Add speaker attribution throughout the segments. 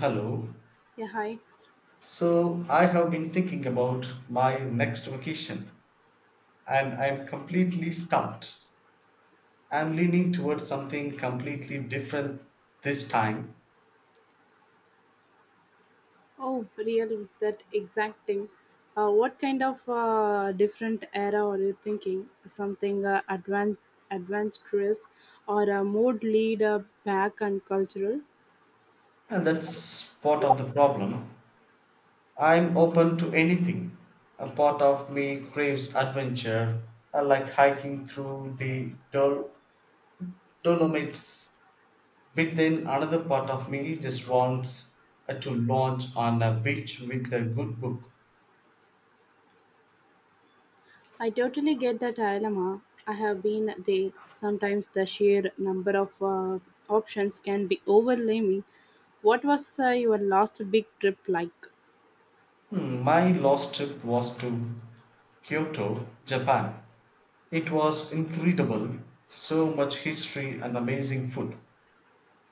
Speaker 1: Hello.
Speaker 2: Yeah, hi.
Speaker 1: So I have been thinking about my next vacation and I'm completely stumped. I'm leaning towards something completely different this time,
Speaker 2: Oh, really? That exact thing. What kind of different era are you thinking? Something adventurous or a mode lead back and cultural?
Speaker 1: and that's part of the problem. I'm open to anything. A part of me craves adventure. I like hiking through the Dolomites, but then another part of me just wants to launch on a beach with a good book.
Speaker 2: I totally get that dilemma. I have been there. Sometimes the sheer number of options can be overwhelming. What was your last big trip like?
Speaker 1: Hmm, my last trip was to Kyoto, Japan. It was incredible, so much history and amazing food.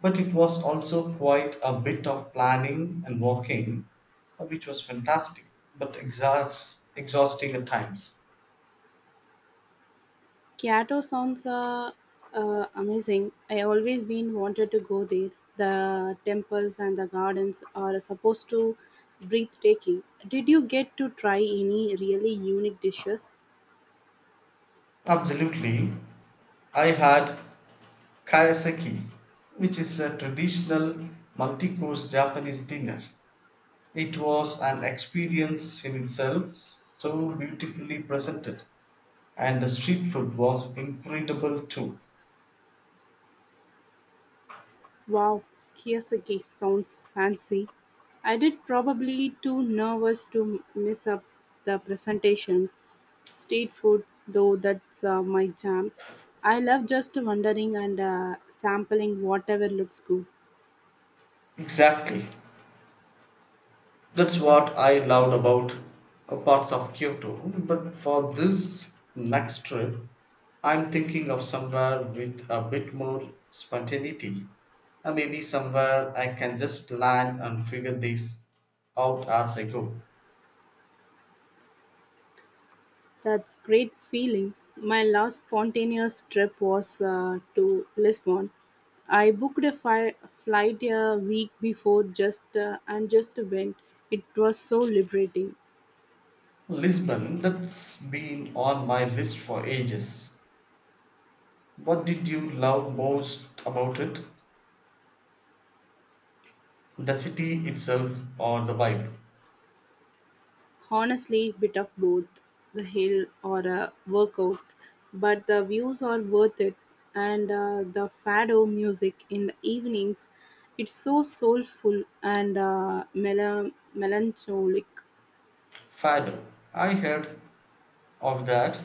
Speaker 1: But it was also quite a bit of planning and walking, which was fantastic, but exhausting at times.
Speaker 2: Kyoto sounds amazing. I always been wanted to go there. The temples and the gardens are supposed to breathtaking. Did you get to try any really unique dishes?
Speaker 1: Absolutely. I had kaiseki, which is a traditional multi course Japanese dinner. It was an experience in itself, so beautifully presented. And the street food was incredible too.
Speaker 2: Wow, kiyosaki sounds fancy. I did probably too nervous to miss up the presentations. Street food though that's my jam. I love just wandering and sampling whatever looks good.
Speaker 1: Exactly. That's what I loved about parts of Kyoto. But for this next trip, I'm thinking of somewhere with a bit more spontaneity. Maybe somewhere I can just land and figure this out as I go.
Speaker 2: That's great feeling. My last spontaneous trip was to Lisbon. I booked a flight a week before just and just went. It was so liberating.
Speaker 1: Lisbon, that's been on my list for ages. What did you love most about it? The city itself or the vibe?
Speaker 2: Honestly, bit of both the hill or a workout, but the views are worth it. And the fado music in the evenings, it's so soulful and melancholic.
Speaker 1: Fado. I heard of that.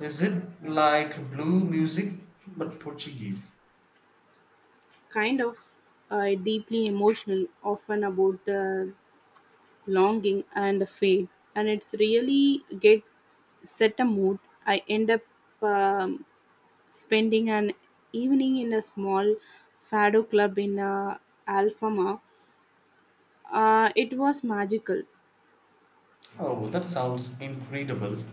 Speaker 1: Is it like blue music but Portuguese?
Speaker 2: Kind of deeply emotional, often about longing and fate. And it's really get set a mood. I end up um, spending an evening in a small fado club in Alfama. It was magical.
Speaker 1: Oh, that sounds incredible.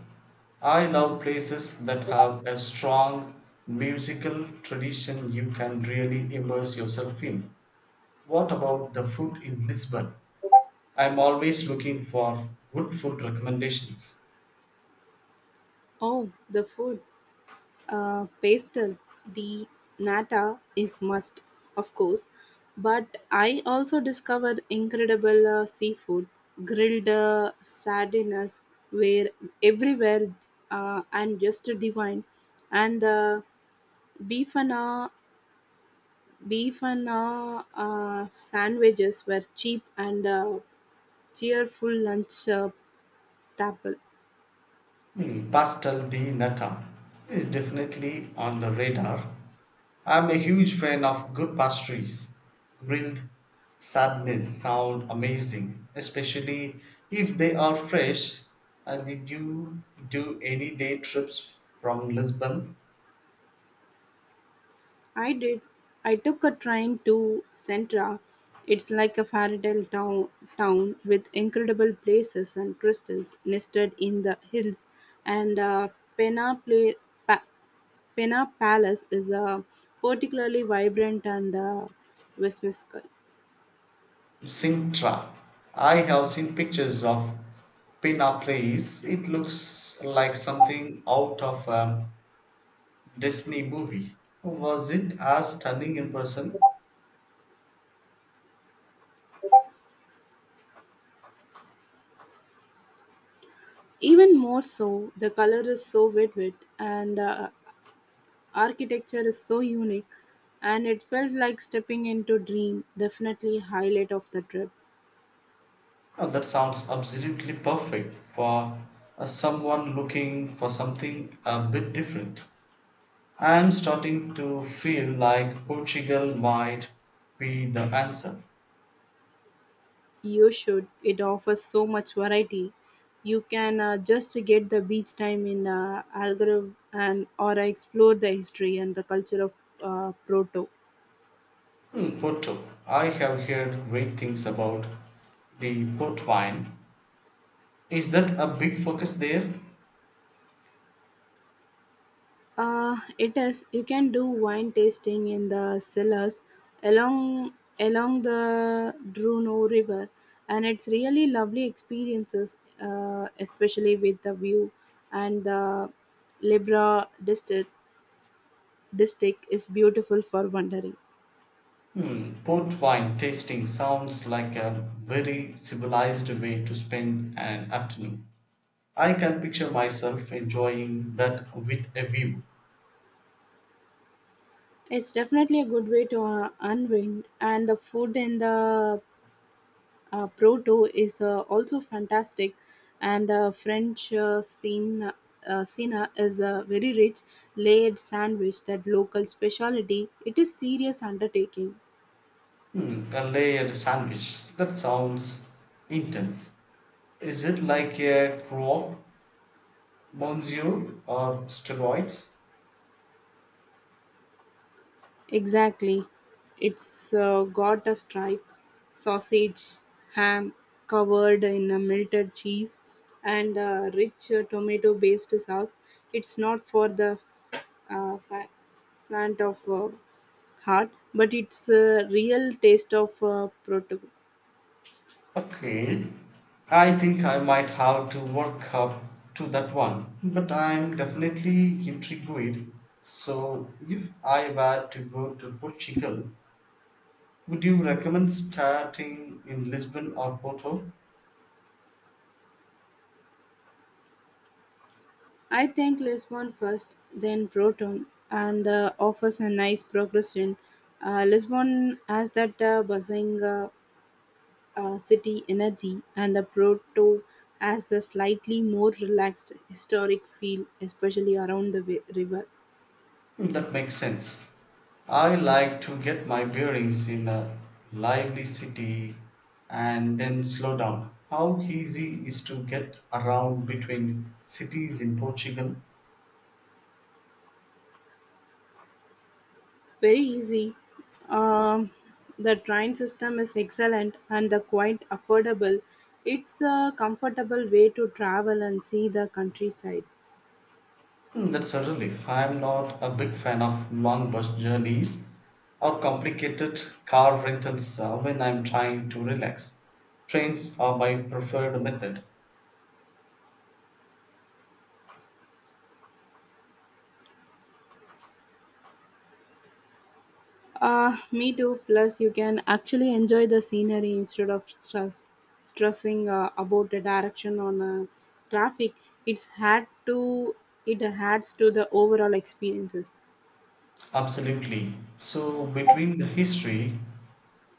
Speaker 1: I love places that have a strong musical tradition you can really immerse yourself in. What about the food in Lisbon? I'm always looking for good food recommendations.
Speaker 2: Oh, the food. Pastel the nata is must of course, but I also discovered incredible seafood, grilled sardines were everywhere, and just divine. And the beef and uh, beef and sandwiches were cheap and cheerful lunch staple.
Speaker 1: Hmm, Pastel de Nata is definitely on the radar. I'm a huge fan of good pastries. Grilled sardines sound amazing, especially if they are fresh. And did you do any day trips from Lisbon?
Speaker 2: I did. I took a train to Centra. It's like a town with incredible places and crystals nested in the hills. And Pena, Pla- pa- Pena Palace is particularly vibrant and whimsical.
Speaker 1: Sintra? I have seen pictures of Pina Place. It looks like something out of a Disney movie. Was it as stunning in person?
Speaker 2: Even more so, the color is so vivid and architecture is so unique, and it felt like stepping into dream. Definitely highlight of the trip.
Speaker 1: Oh, that sounds absolutely perfect for someone looking for something a bit different. I'm starting to feel like Portugal might be the answer.
Speaker 2: You should. It offers so much variety. You can just get the beach time in Algarve and or explore the history and the culture of Proto.
Speaker 1: Hmm, Porto. I have heard great things about the port wine. Is that a big focus there?
Speaker 2: It is. You can do wine tasting in the cellars along along the Druno River, and it's really lovely experiences, especially with the view and the Libra District is beautiful for wandering.
Speaker 1: Hmm, port wine tasting sounds like a very civilized way to spend an afternoon. I can picture myself enjoying that with a view.
Speaker 2: It's definitely a good way to unwind, and the food in the Proto is also fantastic, and the French scene. Sina is a very rich layered sandwich that local specialty. It is serious undertaking.
Speaker 1: Hmm, a layered sandwich. That sounds intense. Is it like a croque, monsieur, or steroids?
Speaker 2: Exactly. It's got a stripe, sausage, ham covered in a melted cheese, and a rich tomato based sauce. It's not for the uh, fa- plant of heart, but it's a real taste of proton.
Speaker 1: Okay. I think I might have to work up to that one, but I'm definitely intrigued. So, if I were to go to Portugal, would you recommend starting in Lisbon or Porto?
Speaker 2: I think Lisbon first, then Proton, and offers a nice progression. Lisbon has that buzzing. City energy and the proto has a slightly more relaxed historic feel, especially around the river.
Speaker 1: That makes sense. I like to get my bearings in a lively city and then slow down. How easy is to get around between cities in Portugal?
Speaker 2: Very easy. Um, the train system is excellent and the quite affordable. It's a comfortable way to travel and see the countryside.
Speaker 1: Hmm, that's a relief. I'm not a big fan of long bus journeys or complicated car rentals when I'm trying to relax. Trains are my preferred method.
Speaker 2: Me too. Plus, you can actually enjoy the scenery instead of stressing about the direction on traffic. It's had to it adds to the overall experiences.
Speaker 1: Absolutely. So, between the history,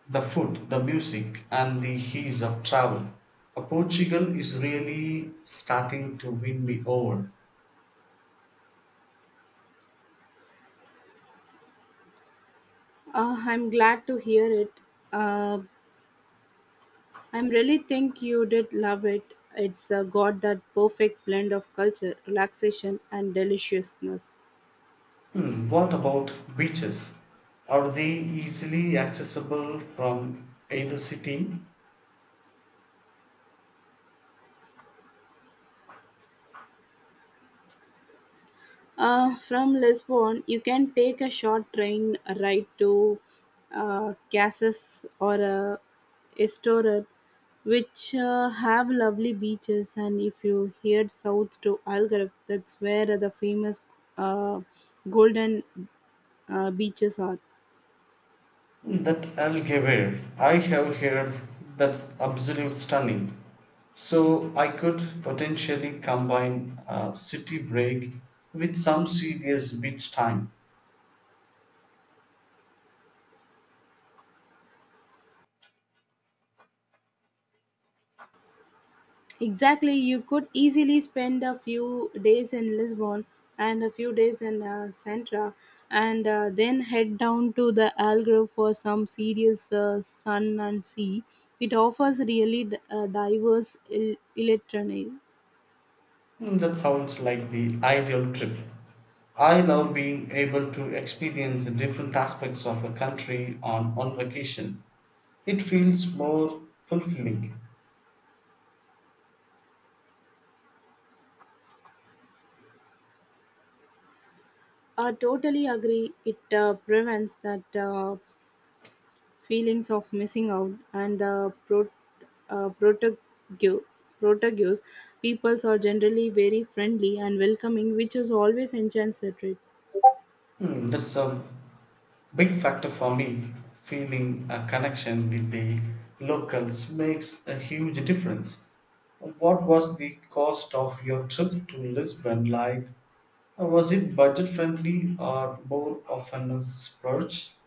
Speaker 1: the food, the music, and the ease of travel. Portugal is really starting to win me over.
Speaker 2: I'm glad to hear it. Uh, I'm really think you did love it. It's got that perfect blend of culture, relaxation, and deliciousness.
Speaker 1: Hmm, what about beaches? Are they easily accessible from either city?
Speaker 2: From Lisbon, you can take a short train ride to Casas or Estoril, which have lovely beaches. And if you head south to Algarve, that's where the famous uh, golden beaches are.
Speaker 1: Hmm, that Algarve, I have heard that's absolute stunning. So I could potentially combine a city break with some serious beach time.
Speaker 2: Exactly, you could easily spend a few days in Lisbon and a few days in Sintra and then head down to the Algarve for some serious sun and sea. It offers really diverse electronic.
Speaker 1: Hmm, that sounds like the ideal trip. I love being able to experience the different aspects of a country on vacation. It feels more fulfilling.
Speaker 2: I totally agree. It prevents that feelings of missing out and the uh, protago- protagonist peoples are generally very friendly and welcoming, which is always enchants the trip.
Speaker 1: Hmm, that's a big factor for me. Feeling a connection with the locals makes a huge difference. What was the cost of your trip to Lisbon like? Was it budget friendly or more of a splurge?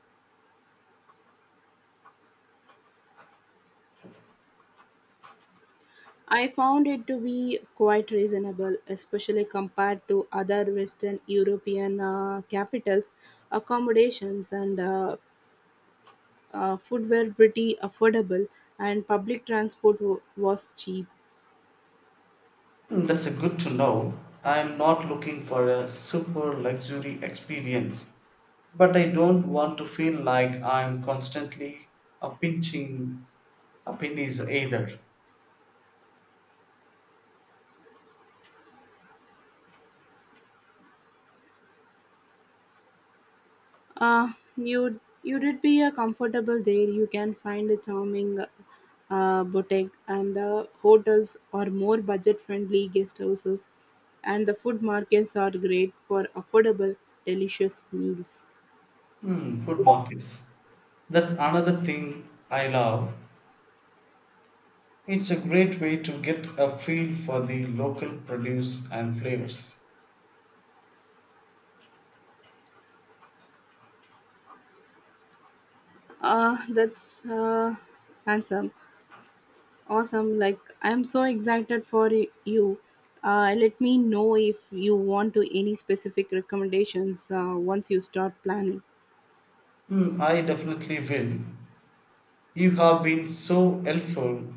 Speaker 2: I found it to be quite reasonable, especially compared to other Western European capitals. Accommodations and food were pretty affordable, and public transport was cheap.
Speaker 1: Mm, that's a good to know. I'm not looking for a super luxury experience, but I don't want to feel like I'm constantly a pinching a pennies either.
Speaker 2: Uh, you did be comfortable there. You can find a charming boutique, and the hotels are more budget-friendly guest houses, and the food markets are great for affordable, delicious meals.
Speaker 1: Hmm, food markets. That's another thing I love. It's a great way to get a feel for the local produce and flavors.
Speaker 2: That's handsome. Awesome. Like, I'm so excited for you. Let me know if you want to any specific recommendations once you start planning.
Speaker 1: Hmm, I definitely will. You have been so helpful,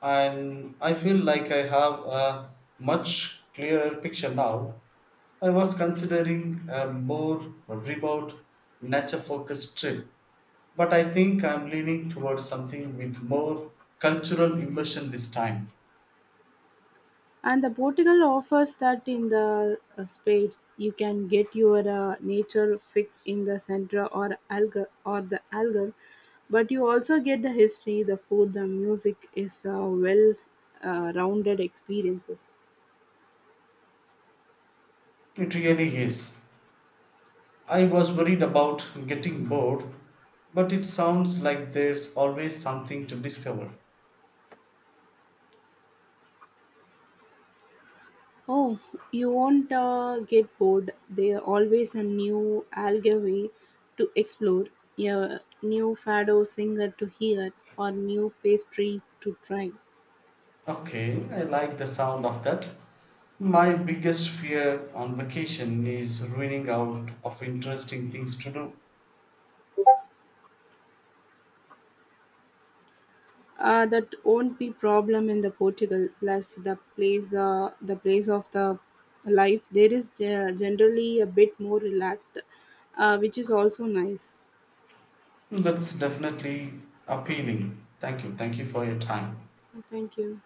Speaker 1: and I feel like I have a much clearer picture now. I was considering a more remote, nature focused trip, but I think I'm leaning towards something with more cultural immersion this time.
Speaker 2: And the Portugal offers that in the spades. You can get your nature fix in the Centra or Algar or the Algar, but you also get the history, the food, the music is well rounded experiences.
Speaker 1: It really is. I was worried about getting bored, but it sounds like there's always something to discover.
Speaker 2: Oh, you won't get bored. There's always a new algae to explore, a new fado singer to hear, or new pastry to try.
Speaker 1: Okay, I like the sound of that. My biggest fear on vacation is running out of interesting things to do.
Speaker 2: That won't be problem in the Portugal. Plus, the place of the life there is generally a bit more relaxed, which is also nice.
Speaker 1: That's definitely appealing. Thank you. Thank you for your time.
Speaker 2: Thank you.